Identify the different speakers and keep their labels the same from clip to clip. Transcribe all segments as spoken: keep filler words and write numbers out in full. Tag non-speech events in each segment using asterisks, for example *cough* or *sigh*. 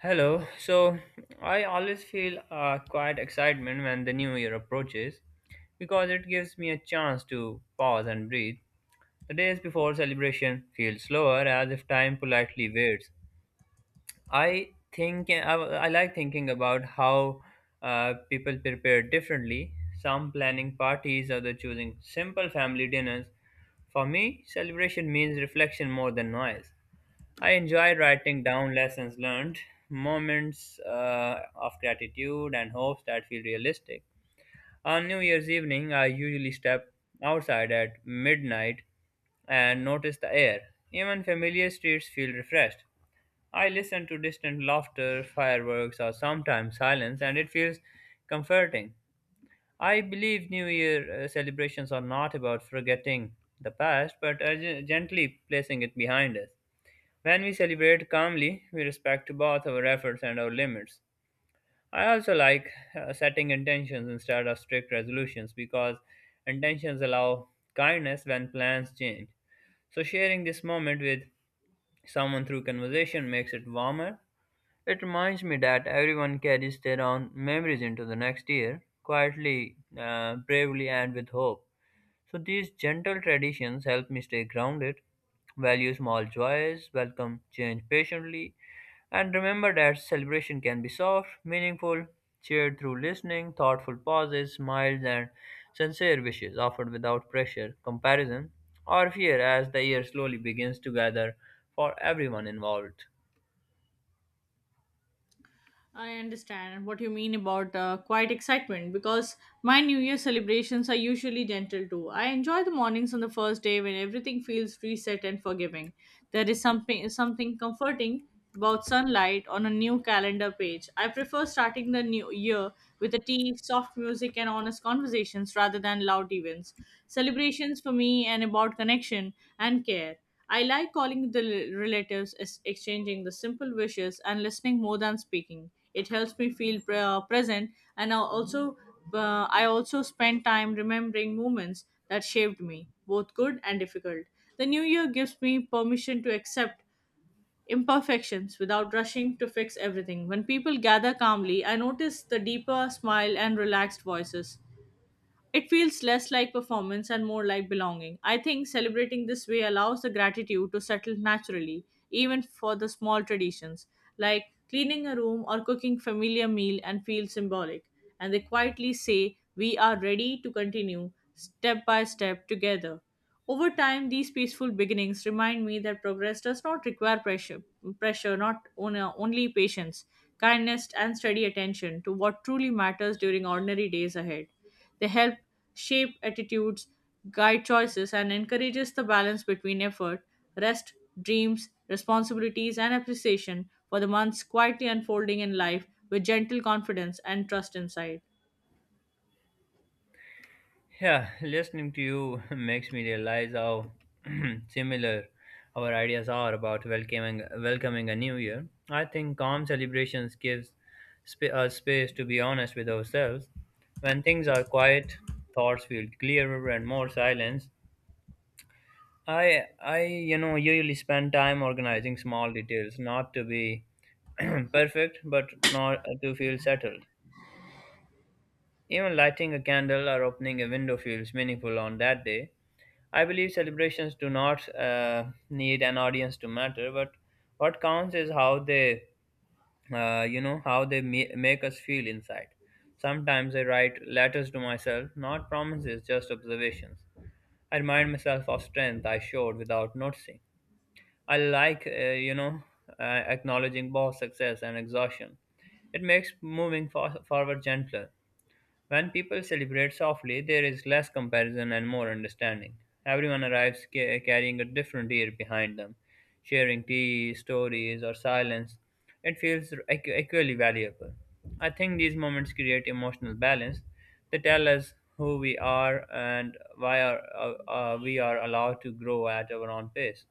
Speaker 1: Hello. So I always feel uh, quite excitement when the new year approaches because it gives me a chance to pause and breathe. The days before celebration feel slower as if time politely waits. I think I, I like thinking about how uh, people prepare differently, some planning parties, other choosing simple family dinners. For me, celebration means reflection more than noise. I enjoy writing down lessons learned, moments uh, of gratitude, and hopes that feel realistic. On New Year's evening, I usually step outside at midnight and notice the air. Even familiar streets feel refreshed. I listen to distant laughter, fireworks, or sometimes silence, and it feels comforting. I believe New Year uh, celebrations are not about forgetting the past, but uh, gen- gently placing it behind us. When we celebrate calmly, we respect both our efforts and our limits. I also like uh, setting intentions instead of strict resolutions because intentions allow kindness when plans change. So, sharing this moment with someone through conversation makes it warmer. It reminds me that everyone carries their own memories into the next year, quietly, uh, bravely, and with hope. So these gentle traditions help me stay grounded, value small joys, welcome change patiently, and remember that celebration can be soft, meaningful, cheered through listening, thoughtful pauses, smiles, and sincere wishes offered without pressure, comparison, or fear as the year slowly begins to gather for everyone involved.
Speaker 2: I understand what you mean about uh, quiet excitement because my New Year celebrations are usually gentle too. I enjoy the mornings on the first day when everything feels reset and forgiving. There is something something comforting about sunlight on a new calendar page. I prefer starting the new year with a tea, soft music, and honest conversations rather than loud events. Celebrations for me and about connection and care. I like calling the relatives, ex- exchanging the simple wishes, and listening more than speaking. It helps me feel pre- uh, present, and I also uh, I also spend time remembering moments that shaped me, both good and difficult. The new year gives me permission to accept imperfections without rushing to fix everything. When people gather calmly, I notice the deeper smile and relaxed voices. It feels less like performance and more like belonging. I think celebrating this way allows the gratitude to settle naturally, even for the small traditions, like cleaning a room or cooking familiar meal and feel symbolic. And they quietly say, we are ready to continue step by step together. Over time, these peaceful beginnings remind me that progress does not require pressure, pressure not on- uh, only patience, kindness, and steady attention to what truly matters during ordinary days ahead. They help shape attitudes, guide choices, and encourages the balance between effort, rest, dreams, responsibilities, and appreciation for the months quietly unfolding in life with gentle confidence and trust inside.
Speaker 1: Yeah, listening to you *laughs* makes me realize how *clears throat* similar our ideas are about welcoming welcoming a new year. I think calm celebrations gives sp- us space to be honest with ourselves. When things are quiet, thoughts feel clearer and more silence. I I you know usually spend time organizing small details, not to be *clears throat* perfect, but not to feel settled. Even lighting a candle or opening a window feels meaningful on that day. I believe celebrations do not uh, need an audience to matter, but what counts is how they, uh, you know, how they ma- make us feel inside. Sometimes I write letters to myself, not promises, just observations. I remind myself of strength I showed without noticing. I like, uh, you know, uh, acknowledging both success and exhaustion. It makes moving for- forward gentler. When people celebrate softly, there is less comparison and more understanding. Everyone arrives ca- carrying a different year behind them, sharing tea, stories, or silence. It feels equ- equally valuable. I think these moments create emotional balance. They tell us who we are and why are, uh, uh, we are allowed to grow at our own pace.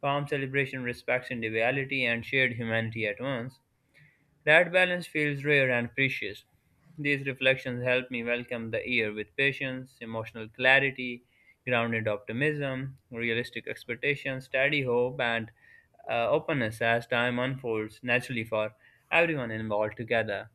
Speaker 1: Calm celebration respects individuality and shared humanity at once. That balance feels rare and precious. These reflections help me welcome the year with patience, emotional clarity, grounded optimism, realistic expectations, steady hope, and uh, openness as time unfolds naturally for everyone involved together.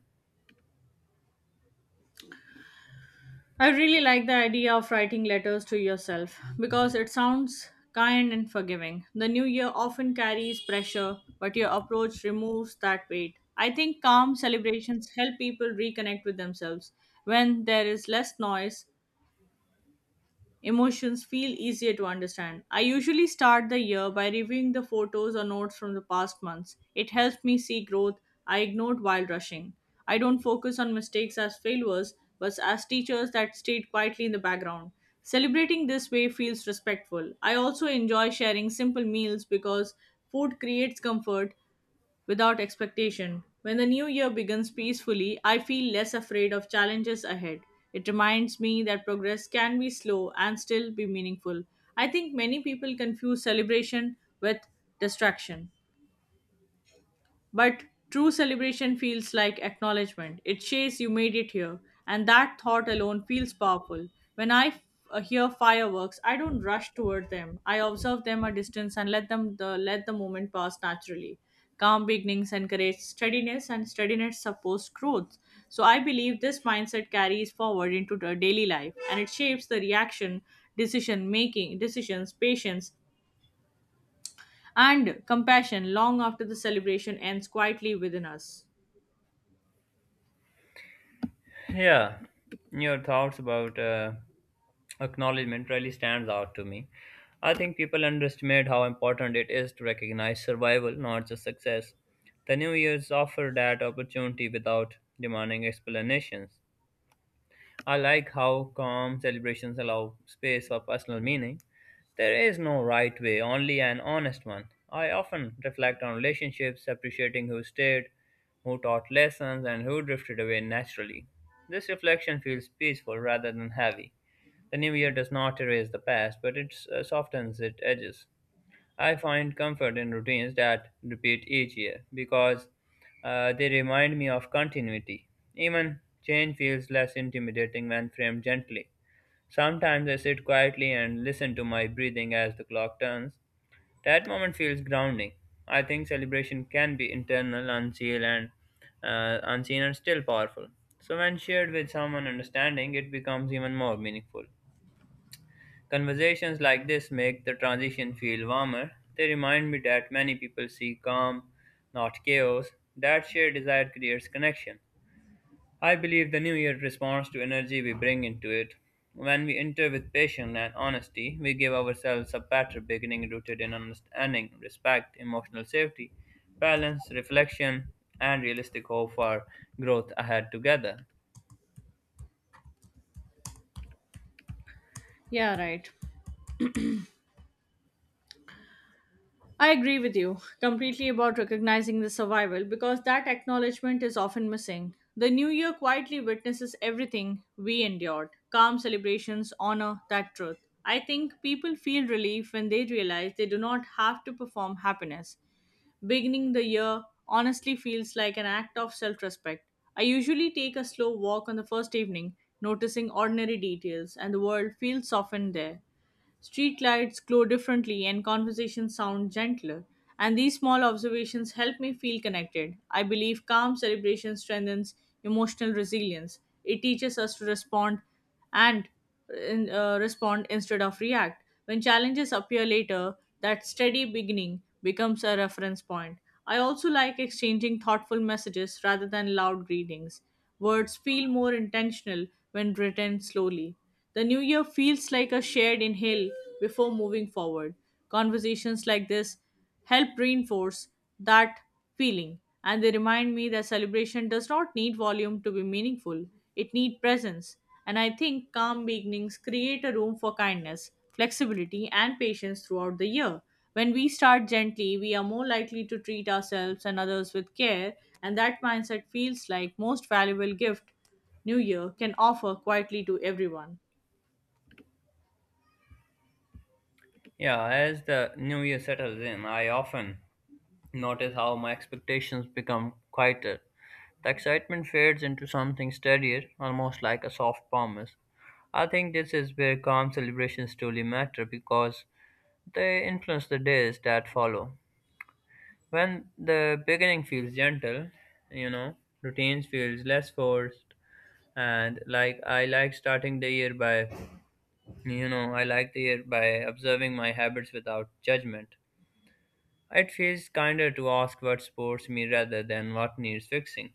Speaker 2: I really like the idea of writing letters to yourself because it sounds kind and forgiving. The new year often carries pressure, but your approach removes that weight. I think calm celebrations help people reconnect with themselves when there is less noise emotions feel easier to understand. I usually start the year by reviewing the photos or notes from the past months. It helps me see growth I ignored while rushing. I don't focus on mistakes as failures, but as teachers that stayed quietly in the background. Celebrating this way feels respectful. I also enjoy sharing simple meals because food creates comfort without expectation. When the new year begins peacefully, I feel less afraid of challenges ahead. It reminds me that progress can be slow and still be meaningful. I think many people confuse celebration with distraction. But true celebration feels like acknowledgement. It says you made it here, and that thought alone feels powerful. When I f- uh, hear fireworks, I don't rush toward them. I observe them a distance and let them the, let the moment pass naturally. Calm beginnings encourage steadiness, and steadiness supports growth. So I believe this mindset carries forward into the daily life, and it shapes the reaction, decision making, decisions, patience, and compassion long after the celebration ends quietly within us.
Speaker 1: Yeah, your thoughts about uh, acknowledgement really stands out to me. I think people underestimate how important it is to recognize survival, not just success. The New Year's offer that opportunity without demanding explanations. I like how calm celebrations allow space for personal meaning. There is no right way, only an honest one. I often reflect on relationships, appreciating who stayed, who taught lessons, and who drifted away naturally. This reflection feels peaceful rather than heavy. The new year does not erase the past, but it uh, softens its edges. I find comfort in routines that repeat each year because uh, they remind me of continuity. Even change feels less intimidating when framed gently. Sometimes I sit quietly and listen to my breathing as the clock turns. That moment feels grounding. I think celebration can be internal, unseen, and uh, unseen, and still powerful. So when shared with someone understanding, it becomes even more meaningful. Conversations like this make the transition feel warmer. They remind me that many people seek calm, not chaos. That shared desire creates connection. I believe the new year responds to energy we bring into it. When we enter with patience and honesty, we give ourselves a better beginning rooted in understanding, respect, emotional safety, balance, reflection, and realistic hope for growth ahead together.
Speaker 2: Yeah, right. I agree with you completely about recognizing the survival because that acknowledgement is often missing. The new year quietly witnesses everything we endured calm celebrations, honor that truth. I think people feel relief when they realize they do not have to perform happiness. Beginning the year honestly feels like an act of self respect. I usually take a slow walk on the first evening, noticing ordinary details, and the world feels softened there. Street lights glow differently and conversations sound gentler, and these small observations help me feel connected. I believe calm celebration strengthens emotional resilience. It teaches us to respond and in- uh, respond instead of react. When challenges appear later, that steady beginning becomes a reference point. I also like exchanging thoughtful messages rather than loud greetings. Words feel more intentional when written slowly. The new year feels like a shared inhale before moving forward. Conversations like this help reinforce that feeling, and they remind me that celebration does not need volume to be meaningful, it needs presence, and I think calm beginnings create a room for kindness, flexibility, and patience throughout the year. When we start gently, we are more likely to treat ourselves and others with care, and that mindset feels like most valuable gift new year can offer quietly to everyone.
Speaker 1: Yeah, as the new year settles in, I often notice how my expectations become quieter. The excitement fades into something steadier, almost like a soft promise. I think this is where calm celebrations truly matter because they influence the days that follow. When the beginning feels gentle, you know, routines feels less forced, and like I like starting the year by you know, I like the year by observing my habits without judgment. It feels kinder to ask what supports me rather than what needs fixing.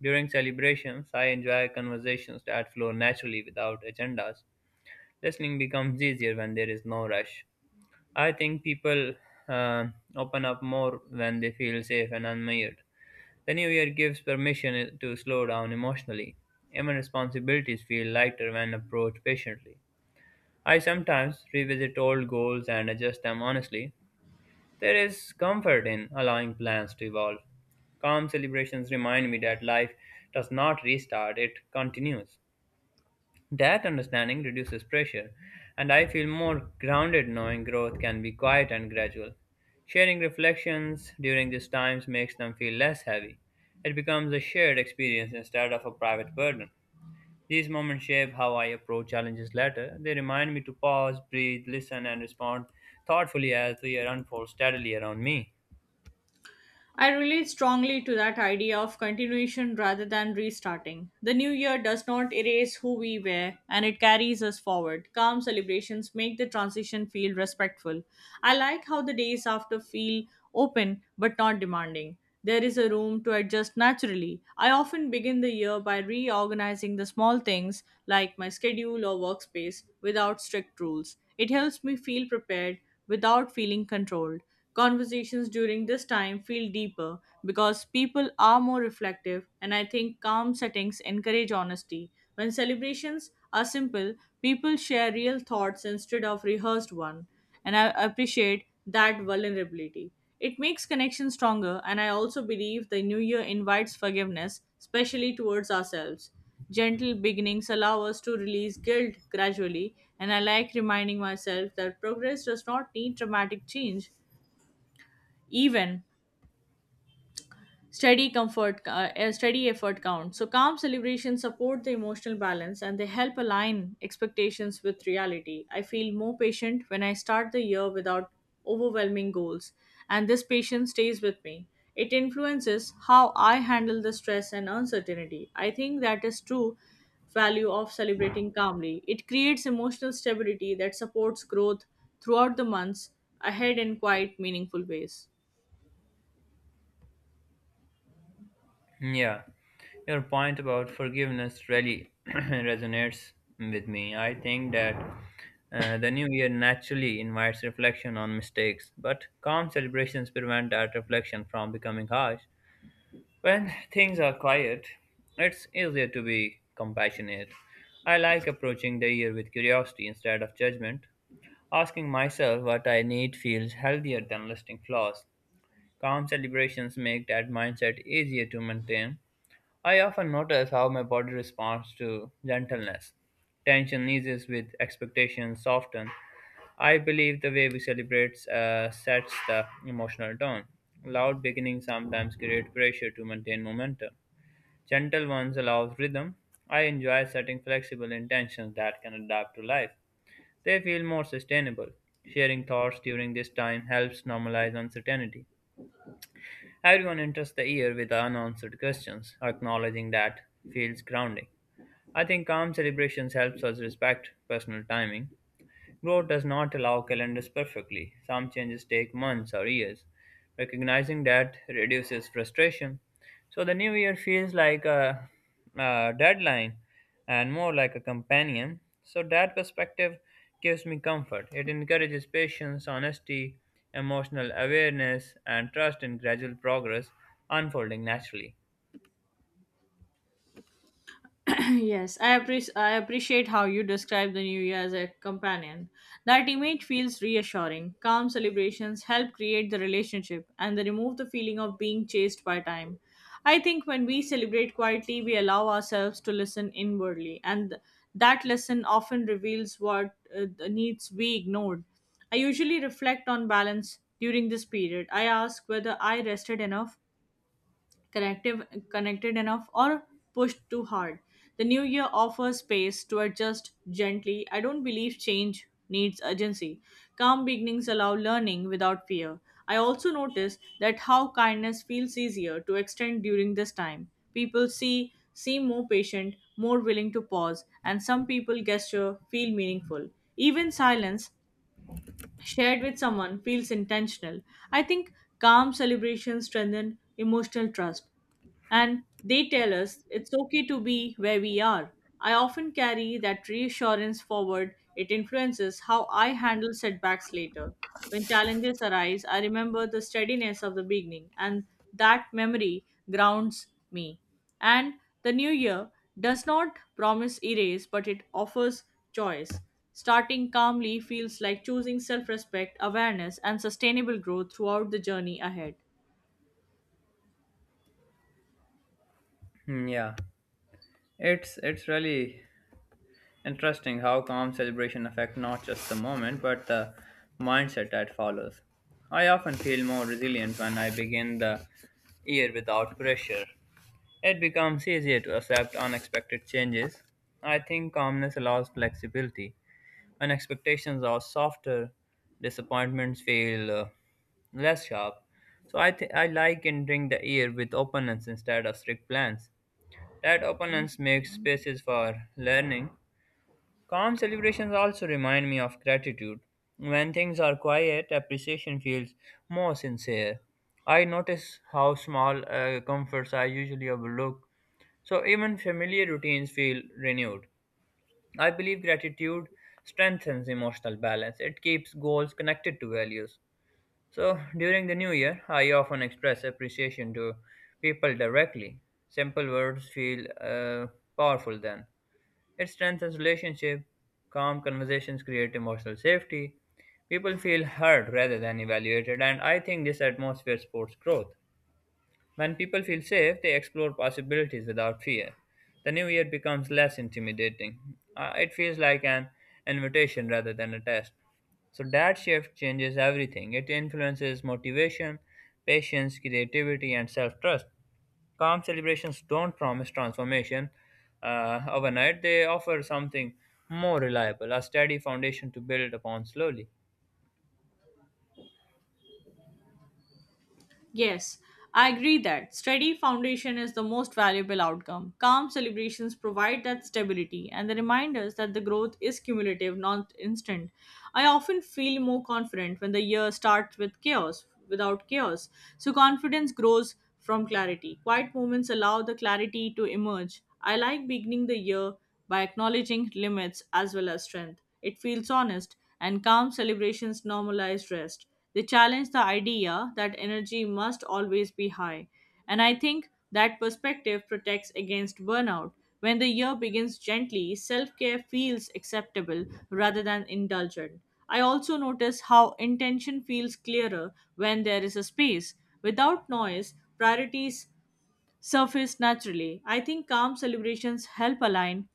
Speaker 1: During celebrations, I enjoy conversations that flow naturally without agendas. Listening becomes easier when there is no rush. I think people uh, open up more when they feel safe and unmired. The new year gives permission uh, to slow down emotionally. Even responsibilities feel lighter when approached patiently. I sometimes revisit old goals and adjust them honestly. There is comfort in allowing plans to evolve. Calm celebrations remind me that life does not restart, it continues. That understanding reduces pressure, and I feel more grounded knowing growth can be quiet and gradual. Sharing reflections during these times makes them feel less heavy. It becomes a shared experience instead of a private burden. These moments shape how I approach challenges later. They remind me to pause, breathe, listen, and respond thoughtfully as the year unfolds steadily around me.
Speaker 2: I relate strongly to that idea of continuation rather than restarting. The new year does not erase who we were and it carries us forward. Calm celebrations make the transition feel respectful. I like how the days after feel open but not demanding. There is a room to adjust naturally. I often begin the year by reorganizing the small things like my schedule or workspace without strict rules. It helps me feel prepared without feeling controlled. Conversations during this time feel deeper because people are more reflective, and I think calm settings encourage honesty. When celebrations are simple, people share real thoughts instead of rehearsed one, and I appreciate that vulnerability. It makes connection stronger, and I also believe the new year invites forgiveness, especially towards ourselves. Gentle beginnings allow us to release guilt gradually, and I like reminding myself that progress does not need dramatic change, even steady comfort uh, a steady effort count, so calm celebrations support the emotional balance and they help align expectations with reality. I feel more patient when I start the year without overwhelming goals, and this patience stays with me. It influences how I handle the stress and uncertainty. I think that is true value of celebrating calmly, it creates emotional stability that supports growth throughout the months ahead in quite meaningful ways.
Speaker 1: Yeah, your point about forgiveness really *clears throat* resonates with me. I think that uh, the new year naturally invites reflection on mistakes, but calm celebrations prevent that reflection from becoming harsh. When things are quiet, it's easier to be compassionate. I like approaching the year with curiosity instead of judgment. Asking myself what I need feels healthier than listing flaws. Calm celebrations make that mindset easier to maintain. I often notice how my body responds to gentleness. Tension eases with expectation soften. I believe the way we celebrate uh, sets the emotional tone. Loud beginnings sometimes create pressure to maintain momentum. Gentle ones allows rhythm. I enjoy setting flexible intentions that can adapt to life. They feel more sustainable. Sharing thoughts during this time helps normalize uncertainty. Everyone enters the year with unanswered questions, acknowledging that feels grounding. I think calm celebrations helps us respect personal timing. Growth does not allow calendars perfectly. Some changes take months or years. Recognizing that reduces frustration. So the new year feels like a, a deadline and more like a companion. So that perspective gives me comfort. It encourages patience, honesty, emotional awareness, and trust in gradual progress unfolding naturally.
Speaker 2: *clears throat* Yes, I appreciate I appreciate how you describe the new year as a companion. That image feels reassuring. Calm celebrations help create the relationship and they remove the feeling of being chased by time. I think when we celebrate quietly, we allow ourselves to listen inwardly, and th- that lesson often reveals what uh, th- needs we ignored. I usually reflect on balance during this period. I ask whether I rested enough, connective, connected enough, or pushed too hard. The new year offers space to adjust gently. I don't believe change needs urgency. Calm beginnings allow learning without fear. I also notice that how kindness feels easier to extend during this time. People see seem more patient, more willing to pause, and some people gesture feel meaningful. Even silence shared with someone feels intentional. I think calm celebrations strengthen emotional trust and they tell us it's okay to be where we are. I often carry that reassurance forward. It influences how I handle setbacks later. When challenges arise, I remember the steadiness of the beginning, and that memory grounds me. And the new year does not promise erase, but it offers choice. Starting calmly feels like choosing self respect, awareness, and sustainable growth throughout the journey ahead.
Speaker 1: Hmm. Yeah, it's it's really interesting how calm celebration affect not just the moment but the mindset that follows. I often feel more resilient when I begin the year without pressure. It becomes easier to accept unexpected changes. I think calmness allows flexibility. When expectations are softer, disappointments feel uh, less sharp. So I th- I like entering the year with openness instead of strict plans. That openness makes spaces for learning. Calm celebrations also remind me of gratitude. When things are quiet, appreciation feels more sincere. I notice how small uh, comforts I usually overlook, so even familiar routines feel renewed. I believe gratitude strengthens emotional balance, it keeps goals connected to values. So during the new year, I often express appreciation to people directly. Simple words feel uh, powerful then. It strengthens relationship. Calm conversations create emotional safety. People feel heard rather than evaluated, and I think this atmosphere supports growth. When people feel safe, they explore possibilities without fear. The new year becomes less intimidating. Uh, it feels like an invitation rather than a test. So that shift changes everything. It influences motivation, patience, creativity, and self trust. Calm celebrations don't promise transformation uh, overnight, they offer something more reliable, a steady foundation to build upon slowly.
Speaker 2: Yes, I agree that steady foundation is the most valuable outcome. Calm celebrations provide that stability and the reminders that the growth is cumulative, not instant. I often feel more confident when the year starts with chaos, without chaos. So confidence grows from clarity. Quiet moments allow the clarity to emerge. I like beginning the year by acknowledging limits as well as strength. It feels honest, and calm celebrations normalize rest. They challenge the idea that energy must always be high. And I think that perspective protects against burnout. When the year begins gently, self care feels acceptable rather than indulgent. I also notice how intention feels clearer when there is a space. Without noise, priorities surface naturally. I think calm celebrations help align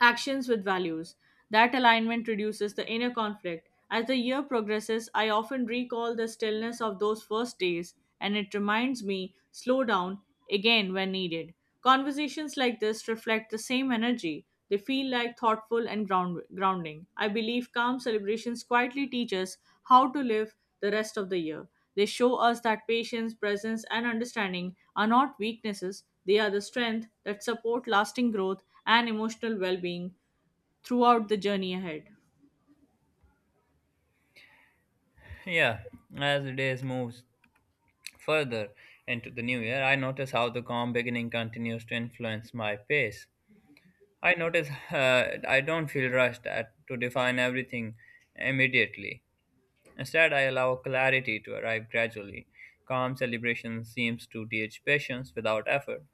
Speaker 2: actions with values. That alignment reduces the inner conflict. As the year progresses, I often recall the stillness of those first days, and it reminds me slow down again when needed. Conversations like this reflect the same energy. They feel like thoughtful and ground- grounding. I believe calm celebrations quietly teach us how to live the rest of the year. They show us that patience, presence, and understanding are not weaknesses, they are the strength that support lasting growth and emotional well being throughout the journey ahead.
Speaker 1: Yeah, as the days moves further into the new year, I notice how the calm beginning continues to influence my pace. I notice uh, I don't feel rushed at, to define everything immediately. Instead, I allow clarity to arrive gradually. Calm celebration seems to teach patience without effort.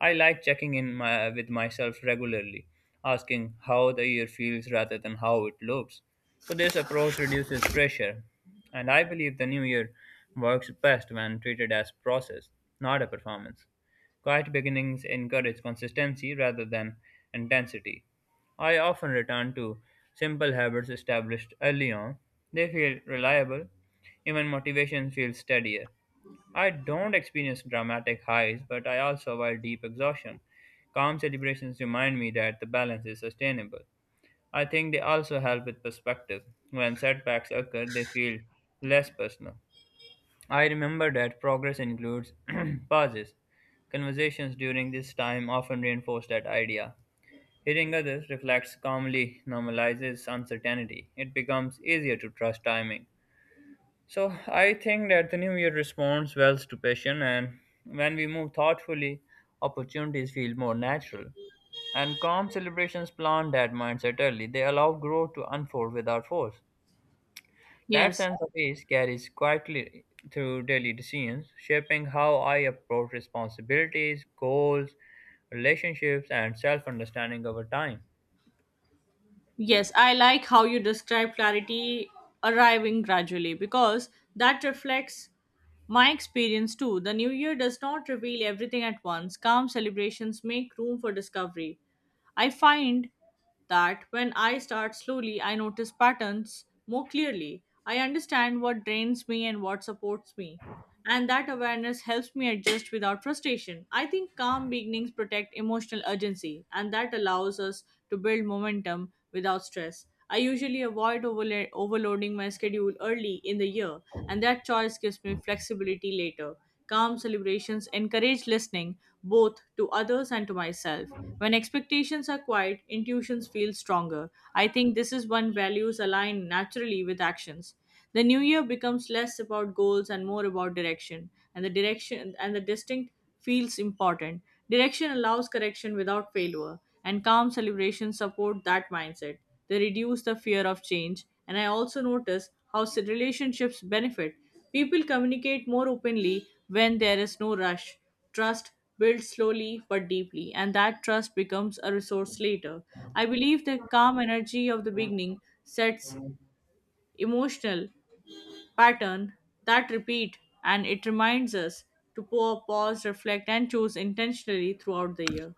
Speaker 1: I like checking in my, with myself regularly, asking how the year feels rather than how it looks. So, this approach reduces pressure, and I believe the new year works best when treated as process, not a performance. Quiet beginnings encourage consistency rather than intensity. I often return to simple habits established early on. They feel reliable, even motivation feels steadier. I don't experience dramatic highs, but I also avoid deep exhaustion. Calm celebrations remind me that the balance is sustainable. I think they also help with perspective. When setbacks occur, they feel less personal. I remember that progress includes *clears throat* pauses. Conversations during this time often reinforce that idea. Hearing others reflects calmly normalizes uncertainty. It becomes easier to trust timing. So I think that the new year responds well to passion, and when we move thoughtfully, opportunities feel more natural. And calm celebrations plant that mindset early. They allow growth to unfold without force. That
Speaker 2: Yes,
Speaker 1: sense of ease carries quietly through daily decisions, shaping how I approach responsibilities, goals, relationships, and self understanding over time.
Speaker 2: yes, I like how you describe clarity arriving gradually because that reflects my experience too. The new year does not reveal everything at once, calm celebrations make room for discovery. I find that when I start slowly, I notice patterns more clearly. I understand what drains me and what supports me. And that awareness helps me adjust without frustration. I think calm beginnings protect emotional urgency, and that allows us to build momentum without stress. I usually avoid overla- overloading my schedule early in the year, and that choice gives me flexibility later. Calm celebrations encourage listening both to others and to myself. When expectations are quiet, intuitions feel stronger. I think this is when values align naturally with actions. The new year becomes less about goals and more about direction, and the direction and the distinct feels important. Direction allows correction without failure, and calm celebrations support that mindset. They reduce the fear of change, and I also notice how s- relationships benefit. People communicate more openly when there is no rush. Trust builds slowly but deeply, and that trust becomes a resource later. I believe the calm energy of the beginning sets emotional pattern that repeat, and it reminds us to pour, pause, reflect, and choose intentionally throughout the year.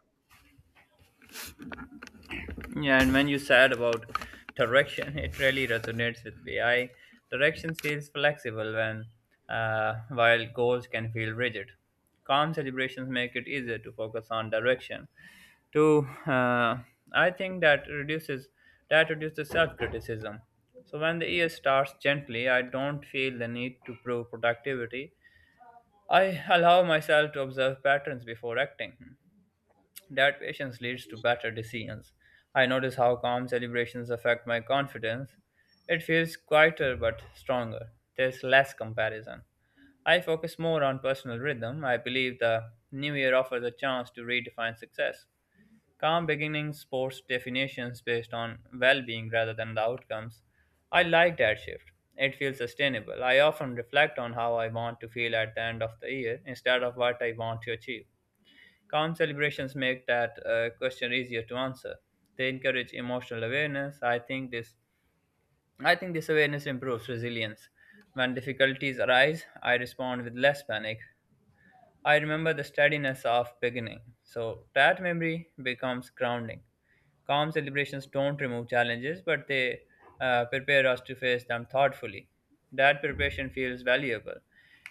Speaker 1: Yeah, and when you said about direction, *laughs* it really resonates with me. I direction feels flexible when, uh, while goals can feel rigid. Calm celebrations make it easier to focus on direction. To, uh, I think that reduces that reduces self-criticism. So when the year starts gently, I don't feel the need to prove productivity. I allow myself to observe patterns before acting. That patience leads to better decisions. I notice how calm celebrations affect my confidence. It feels quieter but stronger. There's less comparison. I focus more on personal rhythm. I believe the new year offers a chance to redefine success. Calm beginnings sports definitions based on well being rather than the outcomes. I like that shift. It feels sustainable. I often reflect on how I want to feel at the end of the year instead of what I want to achieve. Calm celebrations make that uh, question easier to answer. They encourage emotional awareness. I think this I think this awareness improves resilience. When difficulties arise, I respond with less panic. I remember the steadiness of beginning. So that memory becomes grounding. Calm celebrations don't remove challenges, but they uh, prepare us to face them thoughtfully. That preparation feels valuable.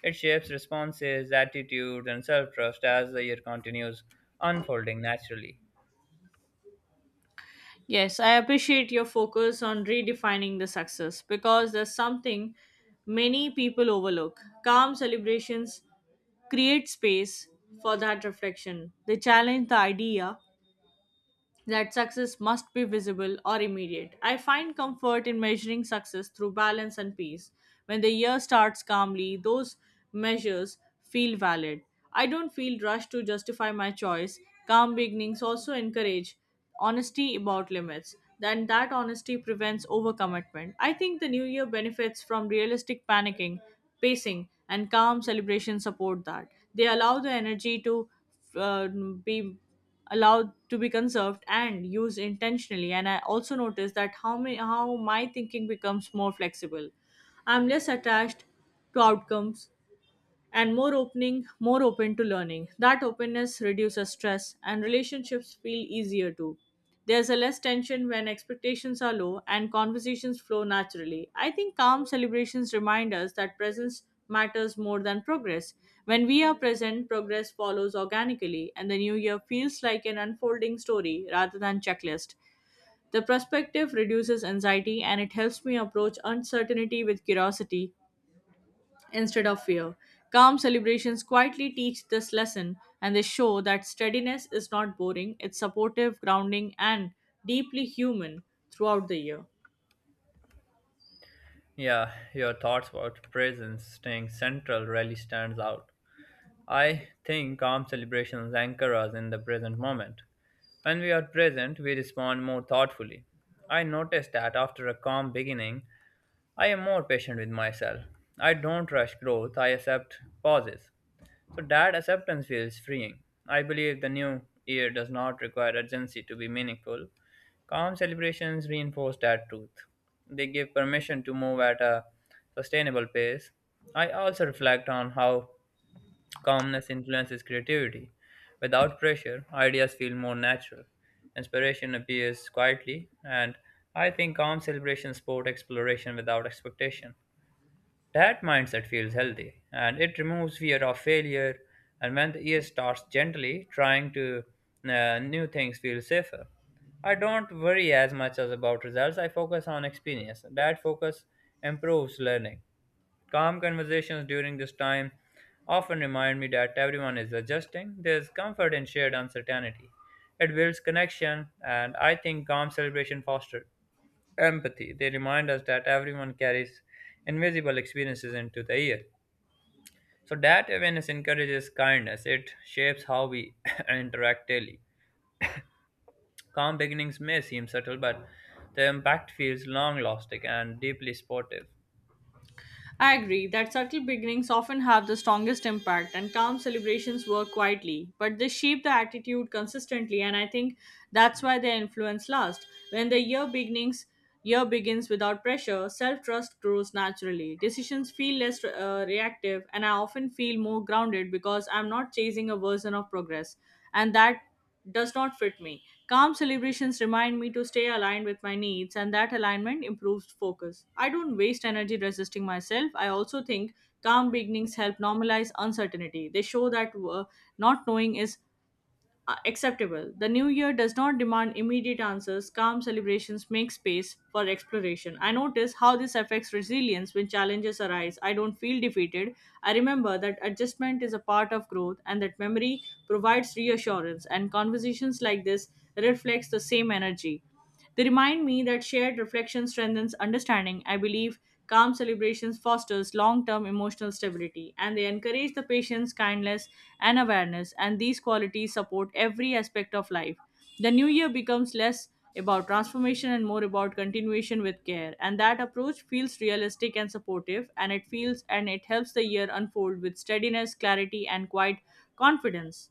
Speaker 1: It shapes responses, attitudes, and self trust as the year continues unfolding naturally.
Speaker 2: Yes, I appreciate your focus on redefining the success because there's something many people overlook. Calm celebrations create space for that reflection. They challenge the idea that success must be visible or immediate. I find comfort in measuring success through balance and peace. When the year starts calmly, those measures feel valid. I don't feel rushed to justify my choice. Calm beginnings also encourage honesty about limits, then that honesty prevents overcommitment. I think the new year benefits from realistic panicking pacing, and calm celebration support that. They allow the energy to uh, be allowed to be conserved and used intentionally. And I also notice that how my, how my thinking becomes more flexible. I'm less attached to outcomes and more opening, more open to learning. That openness reduces stress and relationships feel easier too. There's a less tension when expectations are low and conversations flow naturally. I think calm celebrations remind us that presence matters more than progress. When we are present, progress follows organically and the new year feels like an unfolding story rather than checklist. The perspective reduces anxiety and it helps me approach uncertainty with curiosity instead of fear. Calm celebrations quietly teach this lesson and they show that steadiness is not boring, it's supportive, grounding, and deeply human throughout the year.
Speaker 1: Yeah, your thoughts about presence staying central really stands out. I think calm celebrations anchor us in the present moment. When we are present, we respond more thoughtfully. I notice that after a calm beginning, I am more patient with myself. I don't rush growth, I accept pauses. So that acceptance feels freeing. I believe the new year does not require urgency to be meaningful. Calm celebrations reinforce that truth. They give permission to move at a sustainable pace. I also reflect on how calmness influences creativity. Without pressure, ideas feel more natural. Inspiration appears quietly, and I think calm celebrations support exploration without expectation. That mindset feels healthy, and it removes fear of failure. And when the year starts gently, trying to uh, new things feels safer. I don't worry as much as about results. I focus on experience. That focus improves learning. Calm conversations during this time often remind me that everyone is adjusting. There's comfort in shared uncertainty. It builds connection, and I think calm celebration fosters empathy. They remind us that everyone carries invisible experiences into the year. So that awareness encourages kindness. It shapes how we *laughs* *clears throat* interact daily. Calm beginnings may seem subtle, but the impact feels long lasting and deeply supportive.
Speaker 2: I agree that subtle beginnings often have the strongest impact, and calm celebrations work quietly, but they shape the attitude consistently, and I think that's why their influence lasts. When the year beginnings year begins without pressure, self trust grows naturally. Decisions feel less uh, reactive, and I often feel more grounded because I'm not chasing a version of progress, and that does not fit me. Calm celebrations remind me to stay aligned with my needs, and that alignment improves focus. I don't waste energy resisting myself. I also think calm beginnings help normalize uncertainty. They show that uh, not knowing is uh, acceptable. The new year does not demand immediate answers. Calm celebrations make space for exploration. I notice how this affects resilience when challenges arise. I don't feel defeated. I remember that adjustment is a part of growth, and that memory provides reassurance, and conversations like this reflects the same energy. They remind me that shared reflection strengthens understanding. I believe calm celebrations fosters long-term emotional stability, and they encourage the patience, kindness, and awareness, and these qualities support every aspect of life. The new year becomes less about transformation and more about continuation with care, and that approach feels realistic and supportive, and it feels and it helps the year unfold with steadiness, clarity, and quiet confidence.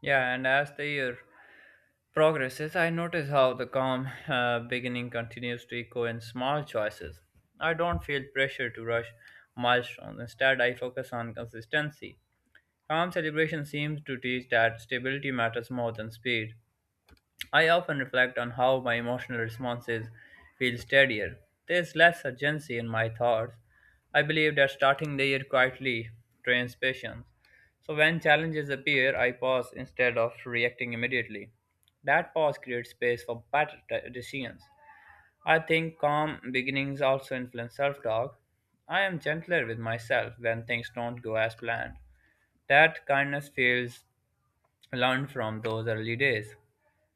Speaker 1: Yeah, and as the year progresses, I notice how the calm uh, beginning continues to echo in small choices. I don't feel pressure to rush milestones. Instead, I focus on consistency. Calm celebration seems to teach that stability matters more than speed. I often reflect on how my emotional responses feel steadier. There's less urgency in my thoughts. I believe that starting the year quietly trains patience. So when challenges appear, I pause instead of reacting immediately. That pause creates space for better de- decisions. I think calm beginnings also influence self talk. I am gentler with myself when things don't go as planned. That kindness feels learned from those early days.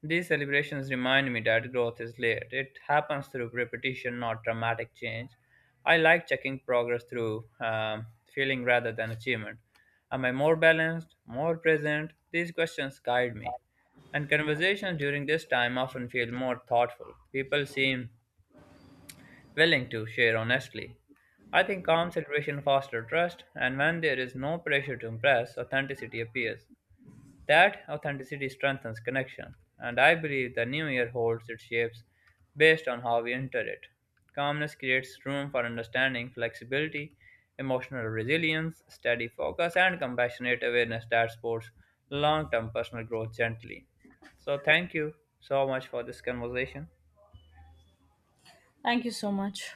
Speaker 1: These celebrations remind me that growth is layered. It happens through repetition, not dramatic change. I like checking progress through um, feeling rather than achievement. Am I more balanced, more present? These questions guide me. And conversations during this time often feel more thoughtful. People seem willing to share honestly. I think calm celebration fosters trust, and when there is no pressure to impress, authenticity appears. That authenticity strengthens connection, and I believe the new year holds its shapes based on how we enter it. Calmness creates room for understanding, flexibility, emotional resilience, steady focus, and compassionate awareness that supports long term personal growth gently. So, thank you so much for this conversation.
Speaker 2: Thank you so much.